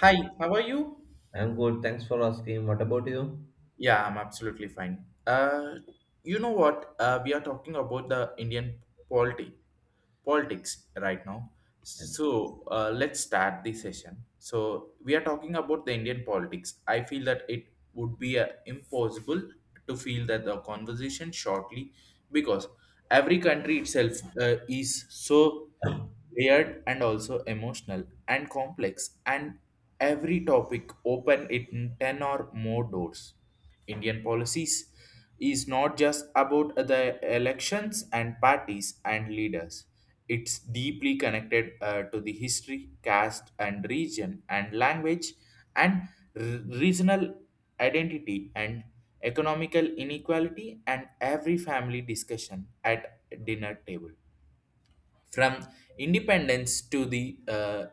Hi, how are you? I'm good. Thanks for asking. What about you? Yeah, I'm absolutely fine. You know what? We are talking about the Indian polity, politics right now. Yes, So let's start the session. So we are talking about the Indian politics. I feel that it would be impossible to feel that the conversation shortly because every country itself is so layered and also emotional and complex and every topic open it in 10 or more doors indian policies is not just about the elections and parties and leaders it's deeply connected to the history caste and region and language and r- regional identity and economical inequality and every family discussion at dinner table from independence to the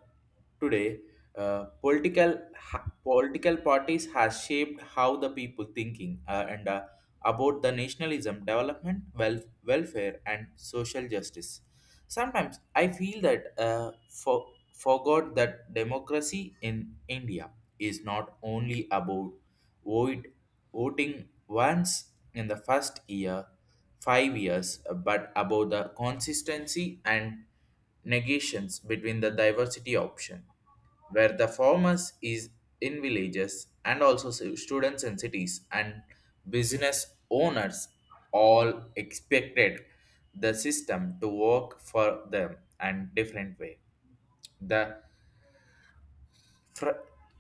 today, political parties has shaped how the people thinking and about the nationalism, development, wealth, welfare, and social justice. Sometimes I feel that forgot that democracy in India is not only about vote, voting once in the first year, 5 years, but about the consistency and negations between the diversity option where the farmers is in villages and also students in cities and business owners all expected the system to work for them and different way the fr-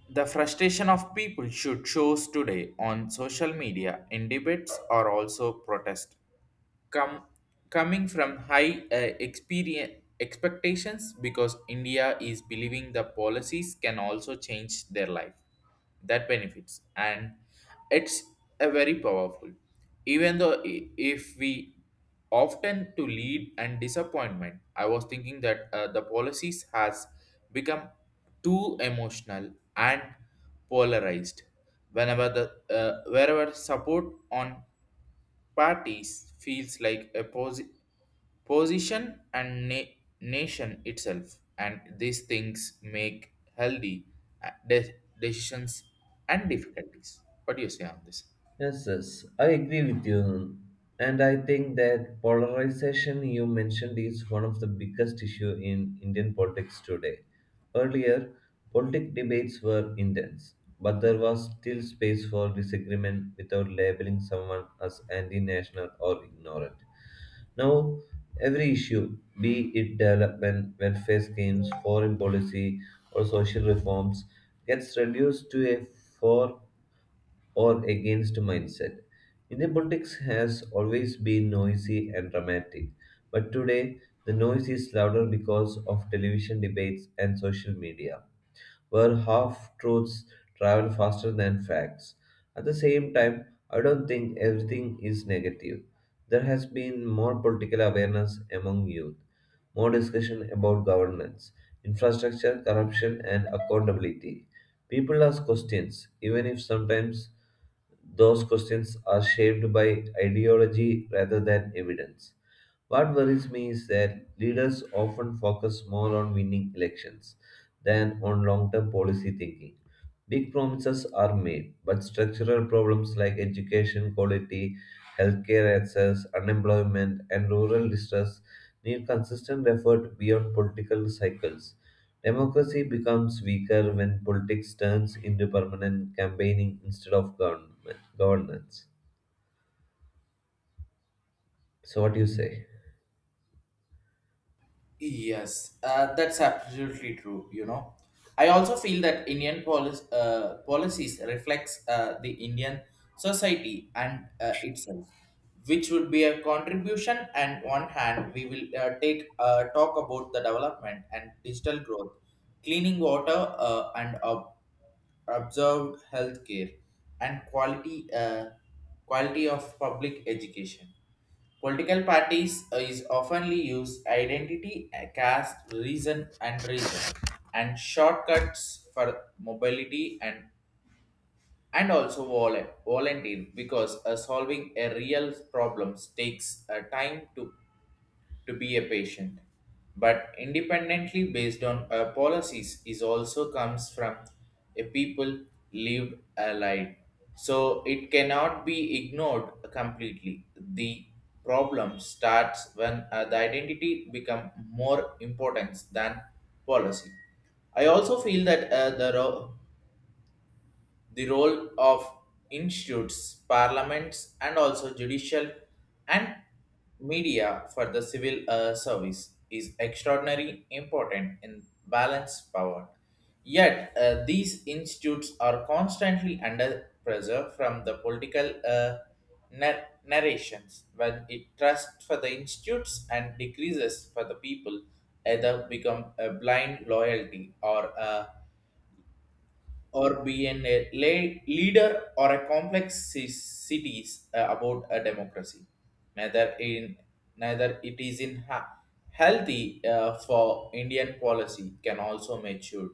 the frustration of people should shows today on social media in debates or also protest come coming from high experience expectations because india is believing the policies can also change their life that benefits and it's a very powerful even though if we often to lead and disappointment I was thinking that the policies has become too emotional and polarized whenever the wherever support on parties feels like a position and nation itself and these things make healthy uh, de- decisions and difficulties what do you say on this? yes, yes. I agree with you. And I think that polarization you mentioned is one of the biggest issue in Indian politics today. Earlier, politic debates were intense, but there was still space for disagreement without labeling someone as anti-national or ignorant. Now, every issue, be it development, welfare schemes, foreign policy, or social reforms, gets reduced to a for or against mindset. Indian politics has always been noisy and dramatic, but today the noise is louder because of television debates and social media where half truths travel faster than facts. At the same time, I don't think everything is negative. There has been more political awareness among youth, more discussion about governance, infrastructure, corruption, and accountability. People ask questions, even if sometimes those questions are shaped by ideology rather than evidence. What worries me is that leaders often focus more on winning elections than on long term policy thinking. Big promises are made, but structural problems like education quality, healthcare access, unemployment, and rural distress need consistent effort beyond political cycles. Democracy becomes weaker when politics turns into permanent campaigning instead of government governance. So, what do you say? Yes, that's absolutely true. You know, I also feel that Indian policies reflects the Indian society and itself, which would be a contribution. And one hand, we will take talk about the development and digital growth, cleaning water, and up observed healthcare and quality quality of public education. Political parties is oftenly used identity, caste, reason, and reason, and shortcuts for mobility and also volunteer because solving a real problems takes time to be a patient, but independently based on our policies is also comes from a people lived allied. So it cannot be ignored completely. The problem starts when the identity become more important than policy. I also feel that the role of institutes, parliaments, and also judicial and media for the civil service is extraordinarily important in balance power. Yet, these institutes are constantly under pressure from the political narrations when it trusts for the institutes and decreases for the people either become a blind loyalty or a or be an a lay leader or a complex cities about a democracy neither in neither it is in healthy for indian policy can also mature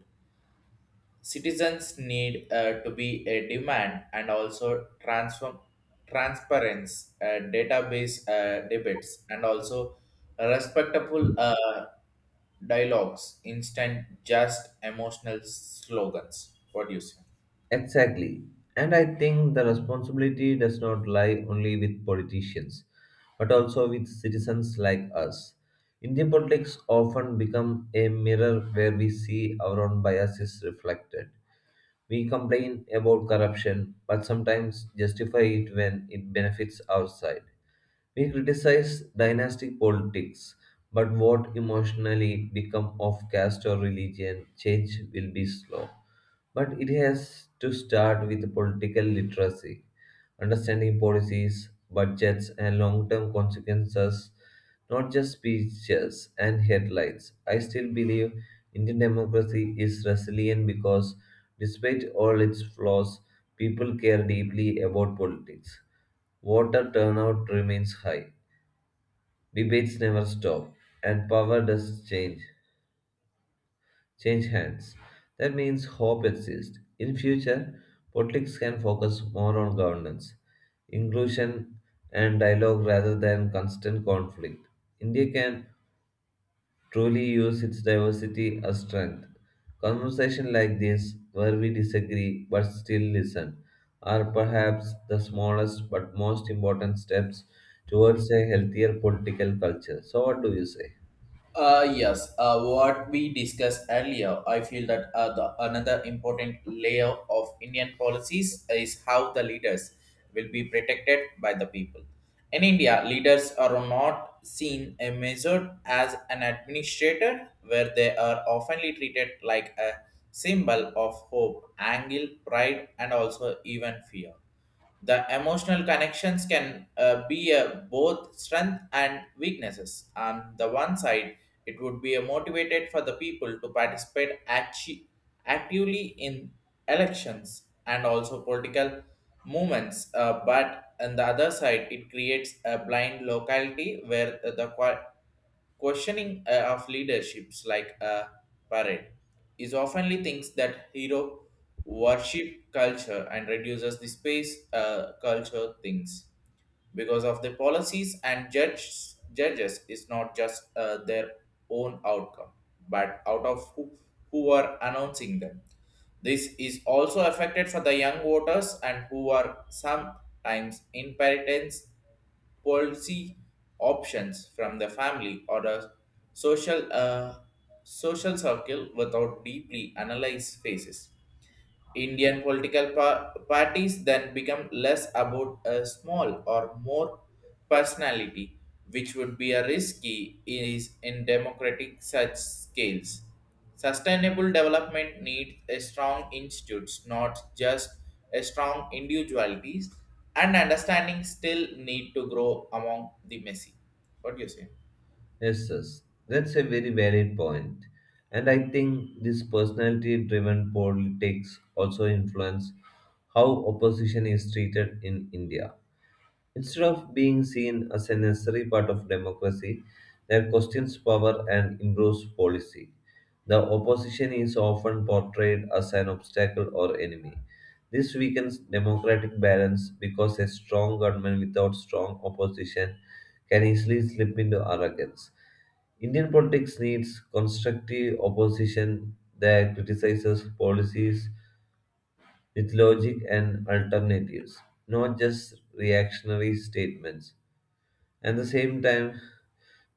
citizens need to be a demand and also transform transparency database debates and also respectable dialogues instant just emotional slogans what do you say? Exactly. And I think the responsibility does not lie only with politicians, but also with citizens like us. Indian politics often become a mirror where we see our own biases reflected. We complain about corruption, but sometimes justify it when it benefits our side. We criticize dynastic politics, but what emotionally become of caste or religion change will be slow. But it has to start with political literacy, understanding policies, budgets, and long term consequences, not just speeches and headlines. I still believe Indian democracy is resilient because, despite all its flaws, people care deeply about politics. Voter turnout remains high, debates never stop, and power does change hands. That means hope exists. In future, politics can focus more on governance, inclusion, and dialogue rather than constant conflict. India can truly use its diversity as strength. Conversations like this, where we disagree but still listen, are perhaps the smallest but most important steps towards a healthier political culture. So, what do you say? Yes, what we discussed earlier, I feel that another important layer of Indian policies is how the leaders will be protected by the people. In India, leaders are not seen and measured as an administrator, where they are oftenly treated like a symbol of hope, angle, pride, and also even fear the emotional connections can be a both strength and weaknesses on the one side it would be a motivated for the people to participate actively in elections and also political movements but on the other side it creates a blind locality where questioning of leaderships like a parade is oftenly thinks that hero worship culture and reduces the space culture things because of the policies and judges is not just their own outcome but out of who are announcing them. This is also affected for the young voters and who are sometimes inheritance policy options from the family or a social social circle without deeply analyzed phases. Indian political parties then become less about a small or more personality, which would be a risky is in democratic such scales. Sustainable development needs a strong institutes, not just a strong individualities, and understanding still need to grow among the messy. What do you say? Yes, yes, that's a very valid point. And I think this personality driven politics also influence how opposition is treated in India. Instead of being seen as a necessary part of democracy that questions power and improves policy, the opposition is often portrayed as an obstacle or enemy. This weakens democratic balance because a strong government without strong opposition can easily slip into arrogance. Indian politics needs constructive opposition that criticizes policies with logic and alternatives, not just reactionary statements. At the same time,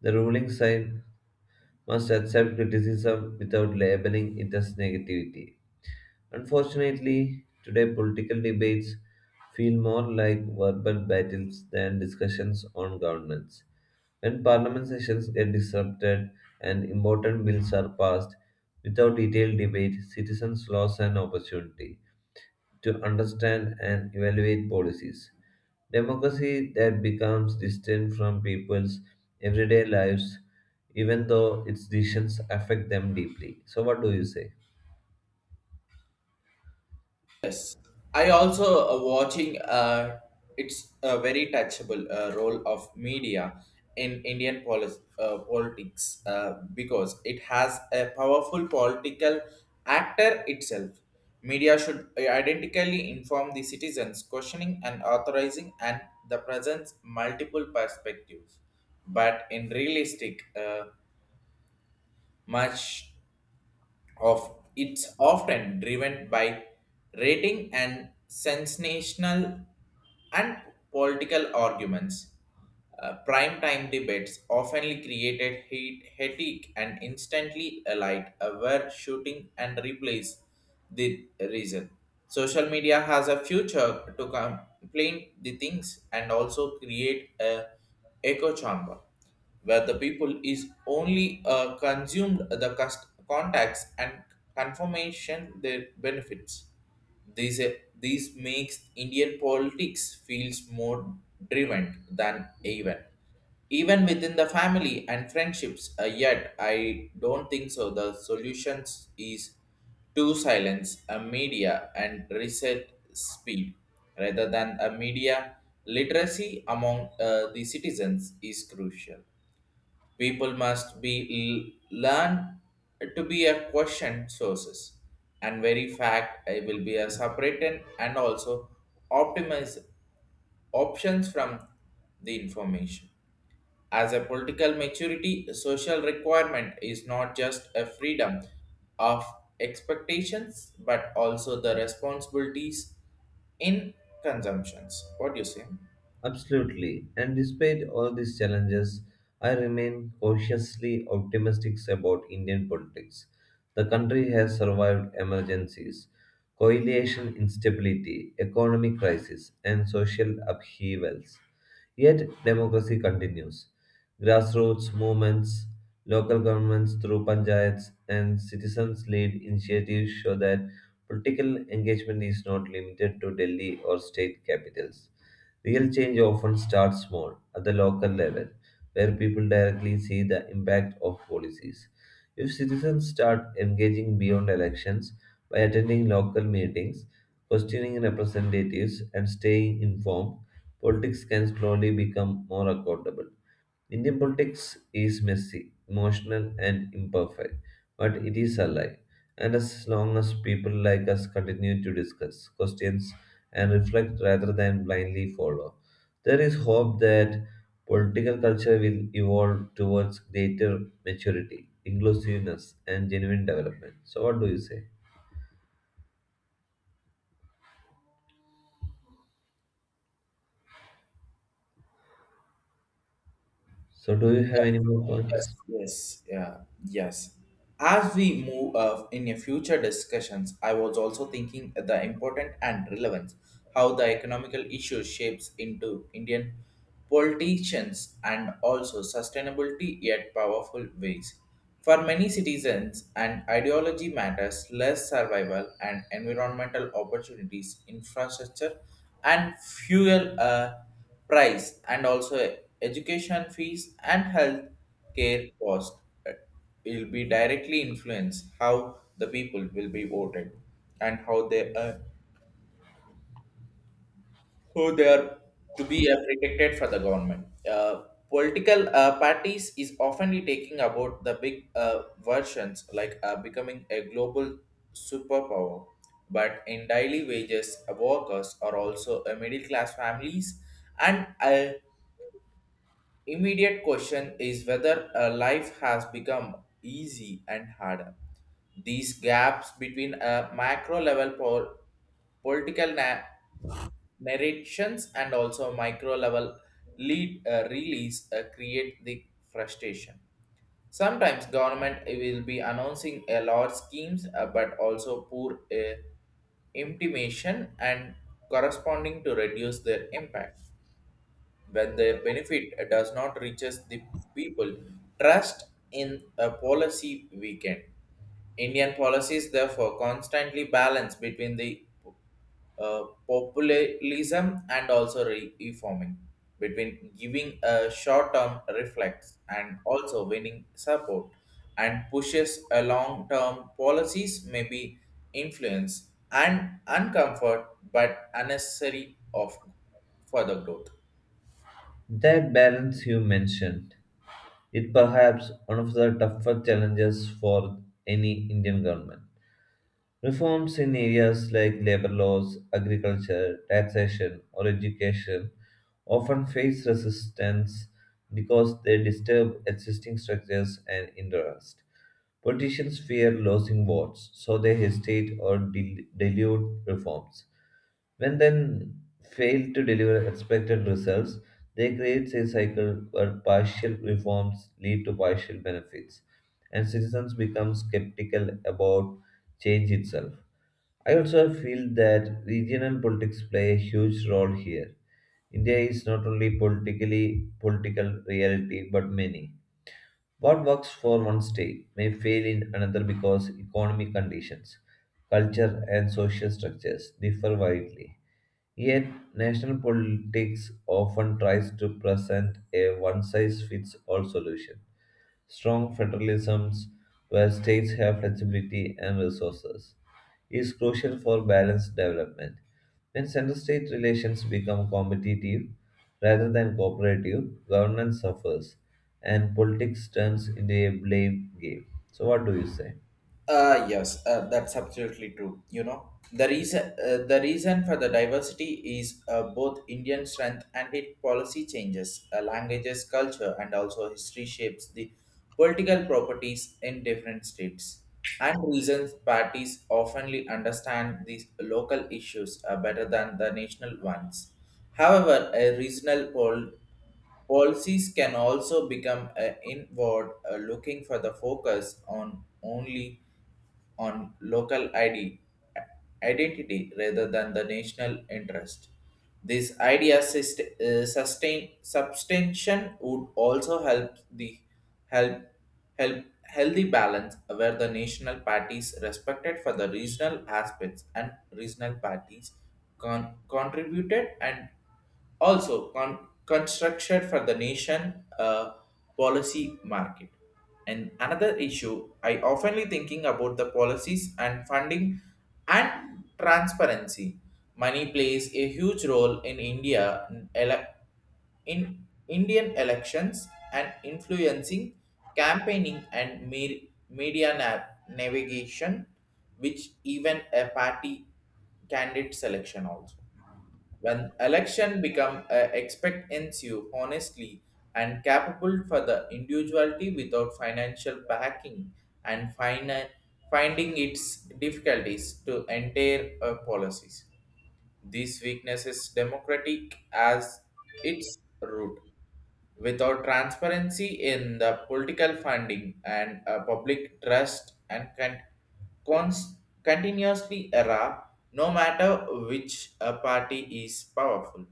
the ruling side must accept criticism without labeling it as negativity. Unfortunately, today political debates feel more like verbal battles than discussions on governance. When parliament sessions get disrupted and important bills are passed without detailed debate, citizens lose an opportunity to understand and evaluate policies. Democracy that becomes distant from people's everyday lives, even though its decisions affect them deeply. So, what do you say? Yes, I also watching. It's a very touchable role of media in Indian politics because it has a powerful political actor itself. Media should identically inform the citizens, questioning and authorizing, and the presents multiple perspectives. But in realistic, much of it's often driven by rating and sensational and political arguments. Prime time debates often created heat, headache, and instantly alight were shooting and replace the reason. Social media has a future to complain the things and also create a echo chamber where the people is only consumed the contacts and confirmation their benefits. These, uh, these makes Indian politics feels more driven than even. Even within the family and friendships, yet I don't think so. The solutions is to silence a media and reset speed rather than a media literacy among the citizens is crucial. People must be learn to be a question sources and very fact I will be a separated and also optimize options from the information. As a political maturity, social requirement is not just a freedom of expectations but also the responsibilities in consumptions. What do you say? Absolutely. And despite all these challenges, I remain cautiously optimistic about Indian politics. The country has survived emergencies, coalition instability, economic crisis, and social upheavals. Yet, democracy continues. Grassroots movements, local governments through panchayats, and citizens led initiatives show that political engagement is not limited to Delhi or state capitals. Real change often starts small, at the local level, where people directly see the impact of policies. If citizens start engaging beyond elections by attending local meetings, questioning representatives, and staying informed, politics can slowly become more accountable. Indian politics is messy, emotional, and imperfect, but it is alive. And as long as people like us continue to discuss questions and reflect rather than blindly follow, there is hope that political culture will evolve towards greater maturity, inclusiveness, and genuine development. So, what do you say? So, do you have any more Yes, points? yes, yeah, yes. As we move in a future discussions, I was also thinking at the important and relevance how the economical issue shapes into Indian politicians and also sustainability yet powerful ways. For many citizens, and ideology matters less survival and environmental opportunities, infrastructure, and fuel price, and also education fees and health care cost uh, will be directly influence how the people will be voted and how they are who they are to be protected for the government. Political parties is oftenly taking about the big versions like becoming a global superpower, but in daily wages, workers are also a middle class families and immediate question is whether a life has become easy and harder. These gaps between a macro level political na- narrations and also micro level lead release create the frustration. Sometimes government will be announcing a lot schemes but also poor intimation and corresponding to reduce their impact when their benefit does not reaches the people trust in a policy weaken. Indian policies therefore constantly balance between the uh, populism and also reforming between giving a short-term reflex and also winning support and pushes a long-term policies may be influence and uncomfort but unnecessary of further growth. That balance you mentioned is perhaps one of the tougher challenges for any Indian government. Reforms in areas like labor laws, agriculture, taxation, or education often face resistance because they disturb existing structures and interest. Politicians fear losing votes, so they hesitate or dilute reforms. When then fail to deliver expected results, they create a cycle where partial reforms lead to partial benefits, and citizens become skeptical about change itself. I also feel that regional politics play a huge role here. India is not only politically political reality but many. What works for one state may fail in another because economic conditions, culture and social structures differ widely. Yet, national politics often tries to present a one size fits all solution. Strong federalisms, where states have flexibility and resources, is crucial for balanced development. When center state relations become competitive rather than cooperative, governance suffers and politics turns into a blame game. So, what do you say? Yes, that's absolutely true. You know, the reason for the diversity is both Indian strength and its policy changes, languages, culture, and also history shapes the political properties in different states. And reasons parties oftenly understand these local issues better than the national ones. However, a regional policies can also become inward, looking for the focus on only on local ID, identity rather than the national interest. This idea sustain substantion would also help the help help healthy balance where the national parties respected for the regional aspects and regional parties contributed and also construction for the nation policy market and another issue I oftenly thinking about the policies and funding and transparency money plays a huge role in india ele- in indian elections and influencing campaigning and media navigation which even a party candidate selection also when election become a expect ensue honestly and capable for the individuality without financial backing and finding its difficulties to enter policies. These weaknesses democratic as its root. Without transparency in the political funding and public trust and cons- continuously error, no matter which party is powerful.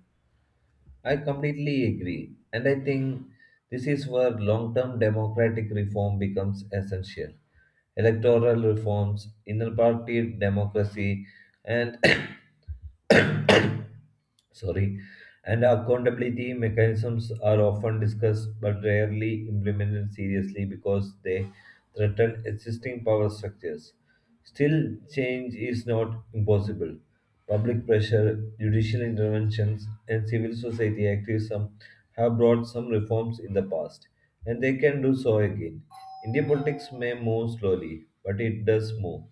I completely agree. And I think this is where long term democratic reform becomes essential. Electoral reforms, inner party democracy, and sorry and accountability mechanisms are often discussed but rarely implemented seriously because they threaten existing power structures. Still, change is not impossible. Public pressure, judicial interventions, and civil society activism have brought some reforms in the past, and they can do so again. India politics may move slowly, but it does move.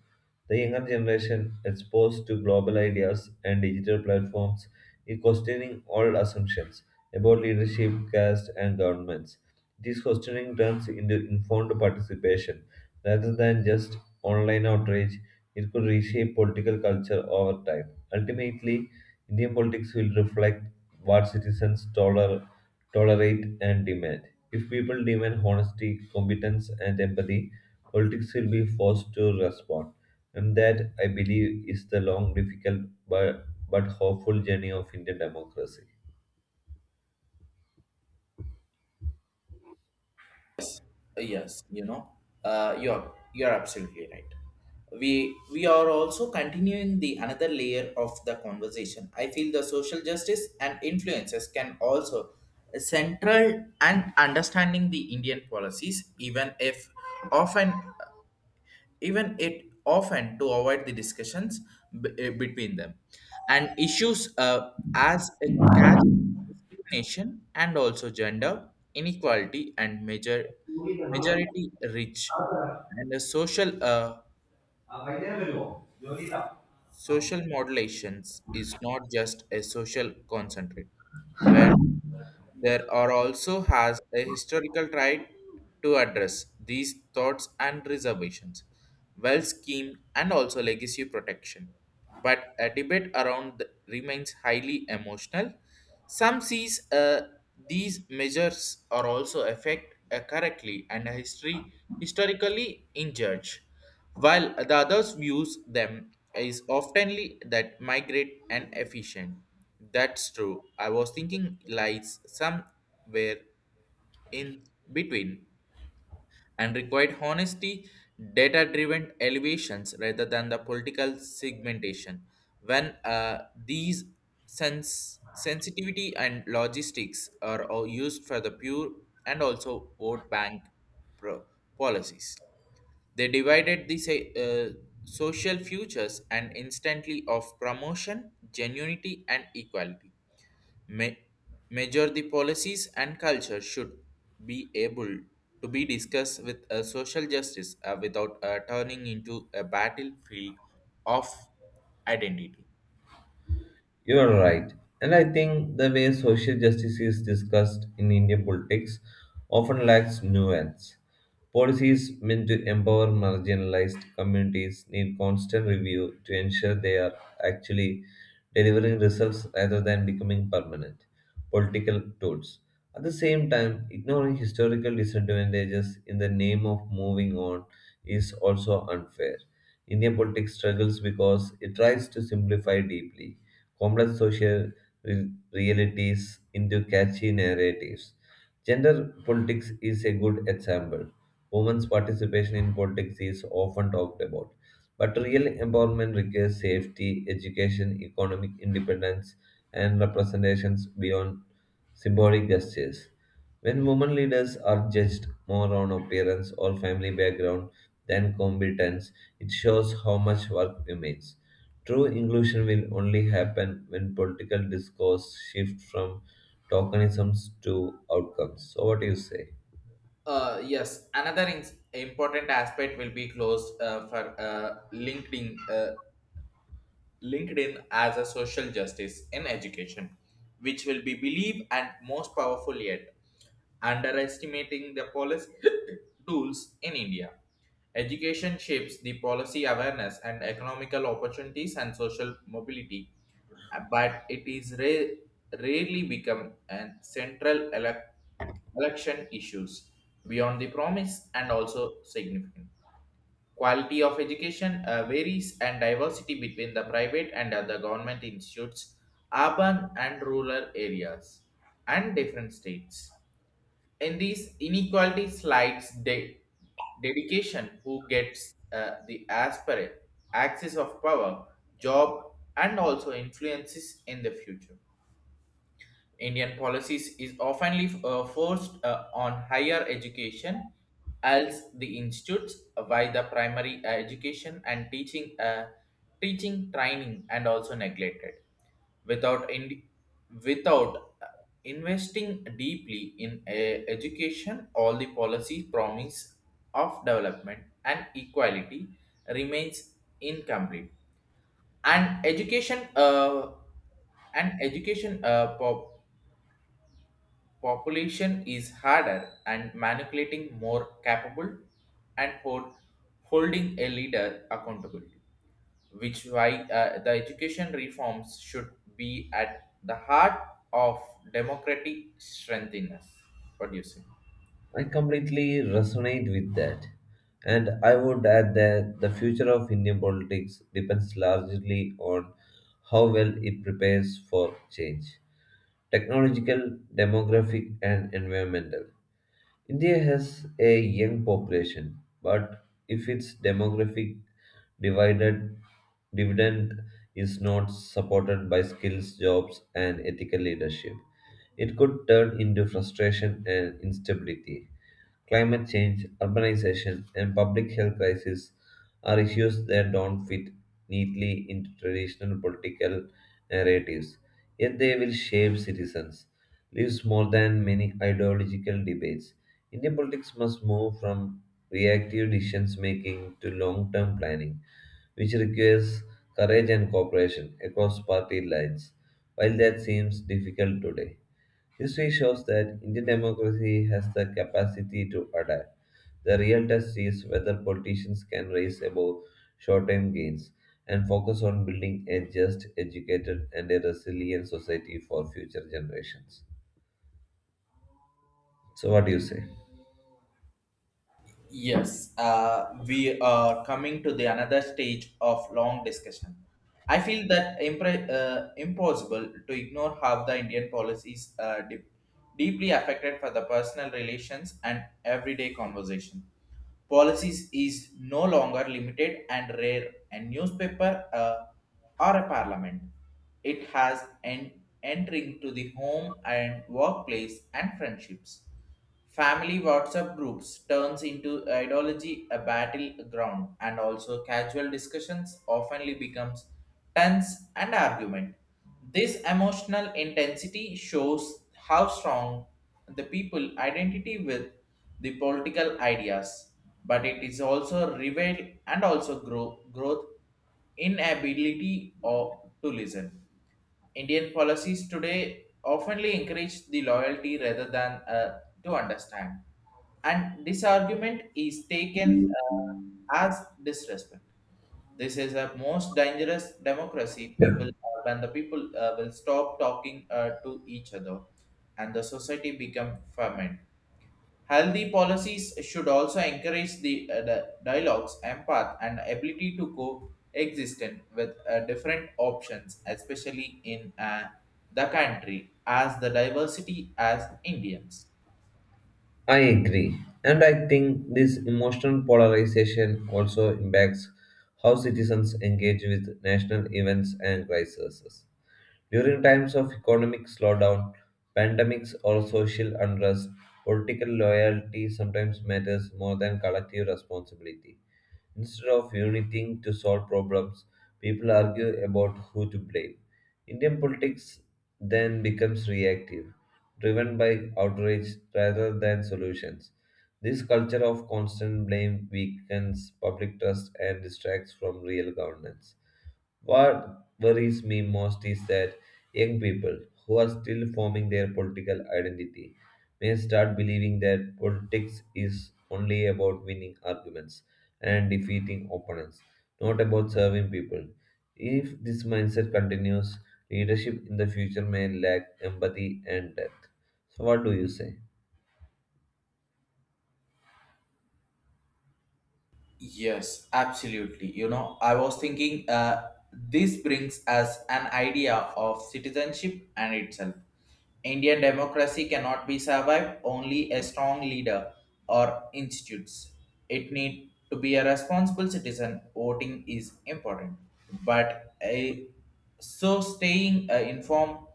The younger generation, exposed to global ideas and digital platforms, is questioning all assumptions about leadership, caste, and governments. This questioning turns into informed participation rather than just online outrage. It could reshape political culture over time. Ultimately, Indian politics will reflect what citizens tolerate and demand. If people demand honesty, competence, and empathy, politics will be forced to respond. And that, I believe, is the long, difficult, but hopeful journey of Indian democracy. Yes, you know, you're absolutely right. We are also continuing the another layer of the conversation. I feel the social justice and influences can also central and understanding the Indian policies, even if often even it often to avoid the discussions between them and issues as a caste discrimination and also gender inequality and majority rich and the social social modulations is not just a social concentrate where there are also has a historical right to address these thoughts and reservations, well scheme and also legacy protection. But a debate around remains highly emotional. Some sees these measures are also affect correctly and history historically injured while the others views them is oftenly that migrate and efficient. That's true. I was thinking lies somewhere in between and required honesty, data driven elevations rather than the political segmentation. When these sensitivity and logistics are all used for the pure and also vote bank pro- policies. They divided the social futures and instantly of promotion, genuinity, and equality. Ma- major the policies and culture should be able to be discussed with a social justice without turning into a battlefield of identity. You're right. And I think the way social justice is discussed in Indian politics often lacks nuance. Policies meant to empower marginalized communities need constant review to ensure they are actually delivering results rather than becoming permanent political tools. At the same time, ignoring historical disadvantages in the name of moving on is also unfair. Indian politics struggles because it tries to simplify deeply complex social re- realities into catchy narratives. Gender politics is a good example. Women's participation in politics is often talked about. But real empowerment requires safety, education, economic independence, and representations beyond symbolic gestures. When women leaders are judged more on appearance or family background than competence, it shows how much work remains. True inclusion will only happen when political discourse shifts from tokenisms to outcomes. So, what do you say? Yes, another important aspect will be closed for LinkedIn. LinkedIn as a social justice in education, which will be believed and most powerful yet, underestimating the policy tools in India. Education shapes the policy awareness and economical opportunities and social mobility, but it is rarely become a central election issues beyond the promise and also significant. Quality of education varies and diversity between the private and other government institutes, urban and rural areas, and different states. In these inequality slides, dedication who gets the aspirate, access of power, job, and also influences in the future. Indian policies is often forced on higher education as the institutes by the primary education and teaching training and also neglected without in, without investing deeply in education all the policy promise of development and equality remains incomplete and education population is harder and manipulating more capable and holding a leader accountable which why the education reforms should be at the heart of democratic strengthiness. What do you say? I completely resonate with that. And I would add that the future of Indian politics depends largely on how well it prepares for change, technological, demographic, and environmental. India has a young population, but if its demographic divided dividend is not supported by skills, jobs, and ethical leadership, it could turn into frustration and instability. Climate change, urbanization, and public health crisis are issues that don't fit neatly into traditional political narratives, yet they will shape citizens. Lives more than many ideological debates. Indian politics must move from reactive decision making to long term planning, which requires courage and cooperation across party lines, while that seems difficult today. History shows that Indian democracy has the capacity to adapt. The real test is whether politicians can rise above short term gains and focus on building a just, educated, and a resilient society for future generations. So, what do you say? Yes, we are coming to the another stage of long discussion. I feel that impossible to ignore how the Indian policies deeply affected for the personal relations and everyday conversation. Policies is no longer limited and rare a newspaper or a parliament. It has an entering to the home and workplace and friendships. Family WhatsApp groups turns into ideology a battleground and also casual discussions oftenly becomes tense and argument. This emotional intensity shows how strong the people identity with the political ideas, but it is also reveal and also growth inability or to listen. Indian policies today oftenly encourage the loyalty rather than to understand. And this argument is taken as disrespect. This is a most dangerous democracy. When the people will stop talking to each other, and the society become ferment. Healthy policies should also encourage the dialogues, empath, and ability to coexist with different options, especially in the country as the diversity as Indians. I agree. And I think this emotional polarization also impacts how citizens engage with national events and crises. During times of economic slowdown, pandemics, or social unrest, political loyalty sometimes matters more than collective responsibility. Instead of uniting to solve problems, people argue about who to blame. Indian politics then becomes reactive, driven by outrage rather than solutions. This culture of constant blame weakens public trust and distracts from real governance. What worries me most is that young people who are still forming their political identity may start believing that politics is only about winning arguments and defeating opponents, not about serving people. If this mindset continues, leadership in the future may lack empathy and depth. So, what do you say? Yes, absolutely. You know, I was thinking this brings us an idea of citizenship and itself. Indian democracy cannot be survived only a strong leader or institutes. It need to be a responsible citizen. Voting is important, but a, so staying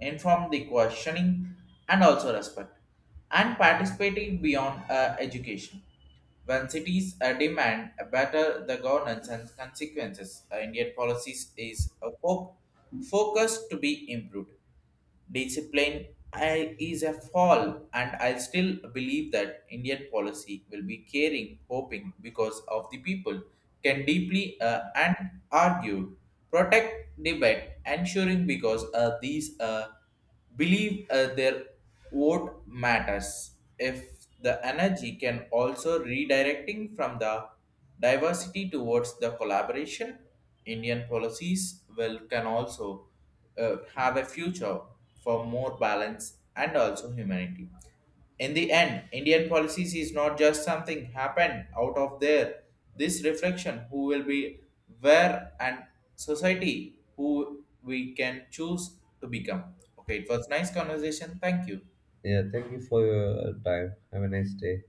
informed, the questioning, and also respect, and participating beyond education. When cities demand a better the governance and consequences, Indian policies is a focus to be improved discipline. I, is a fall and I still believe that Indian policy will be caring hoping because of the people can deeply and argued protect debate ensuring because these believe their vote matters. If the energy can also redirecting from the diversity towards the collaboration, Indian policies will can also have a future for more balance and also humanity. In the end, Indian policies is not just something happened out of there. This reflection who will be where and society who we can choose to become. Okay, it was nice conversation. Thank you. Yeah, thank you for your time. Have a nice day.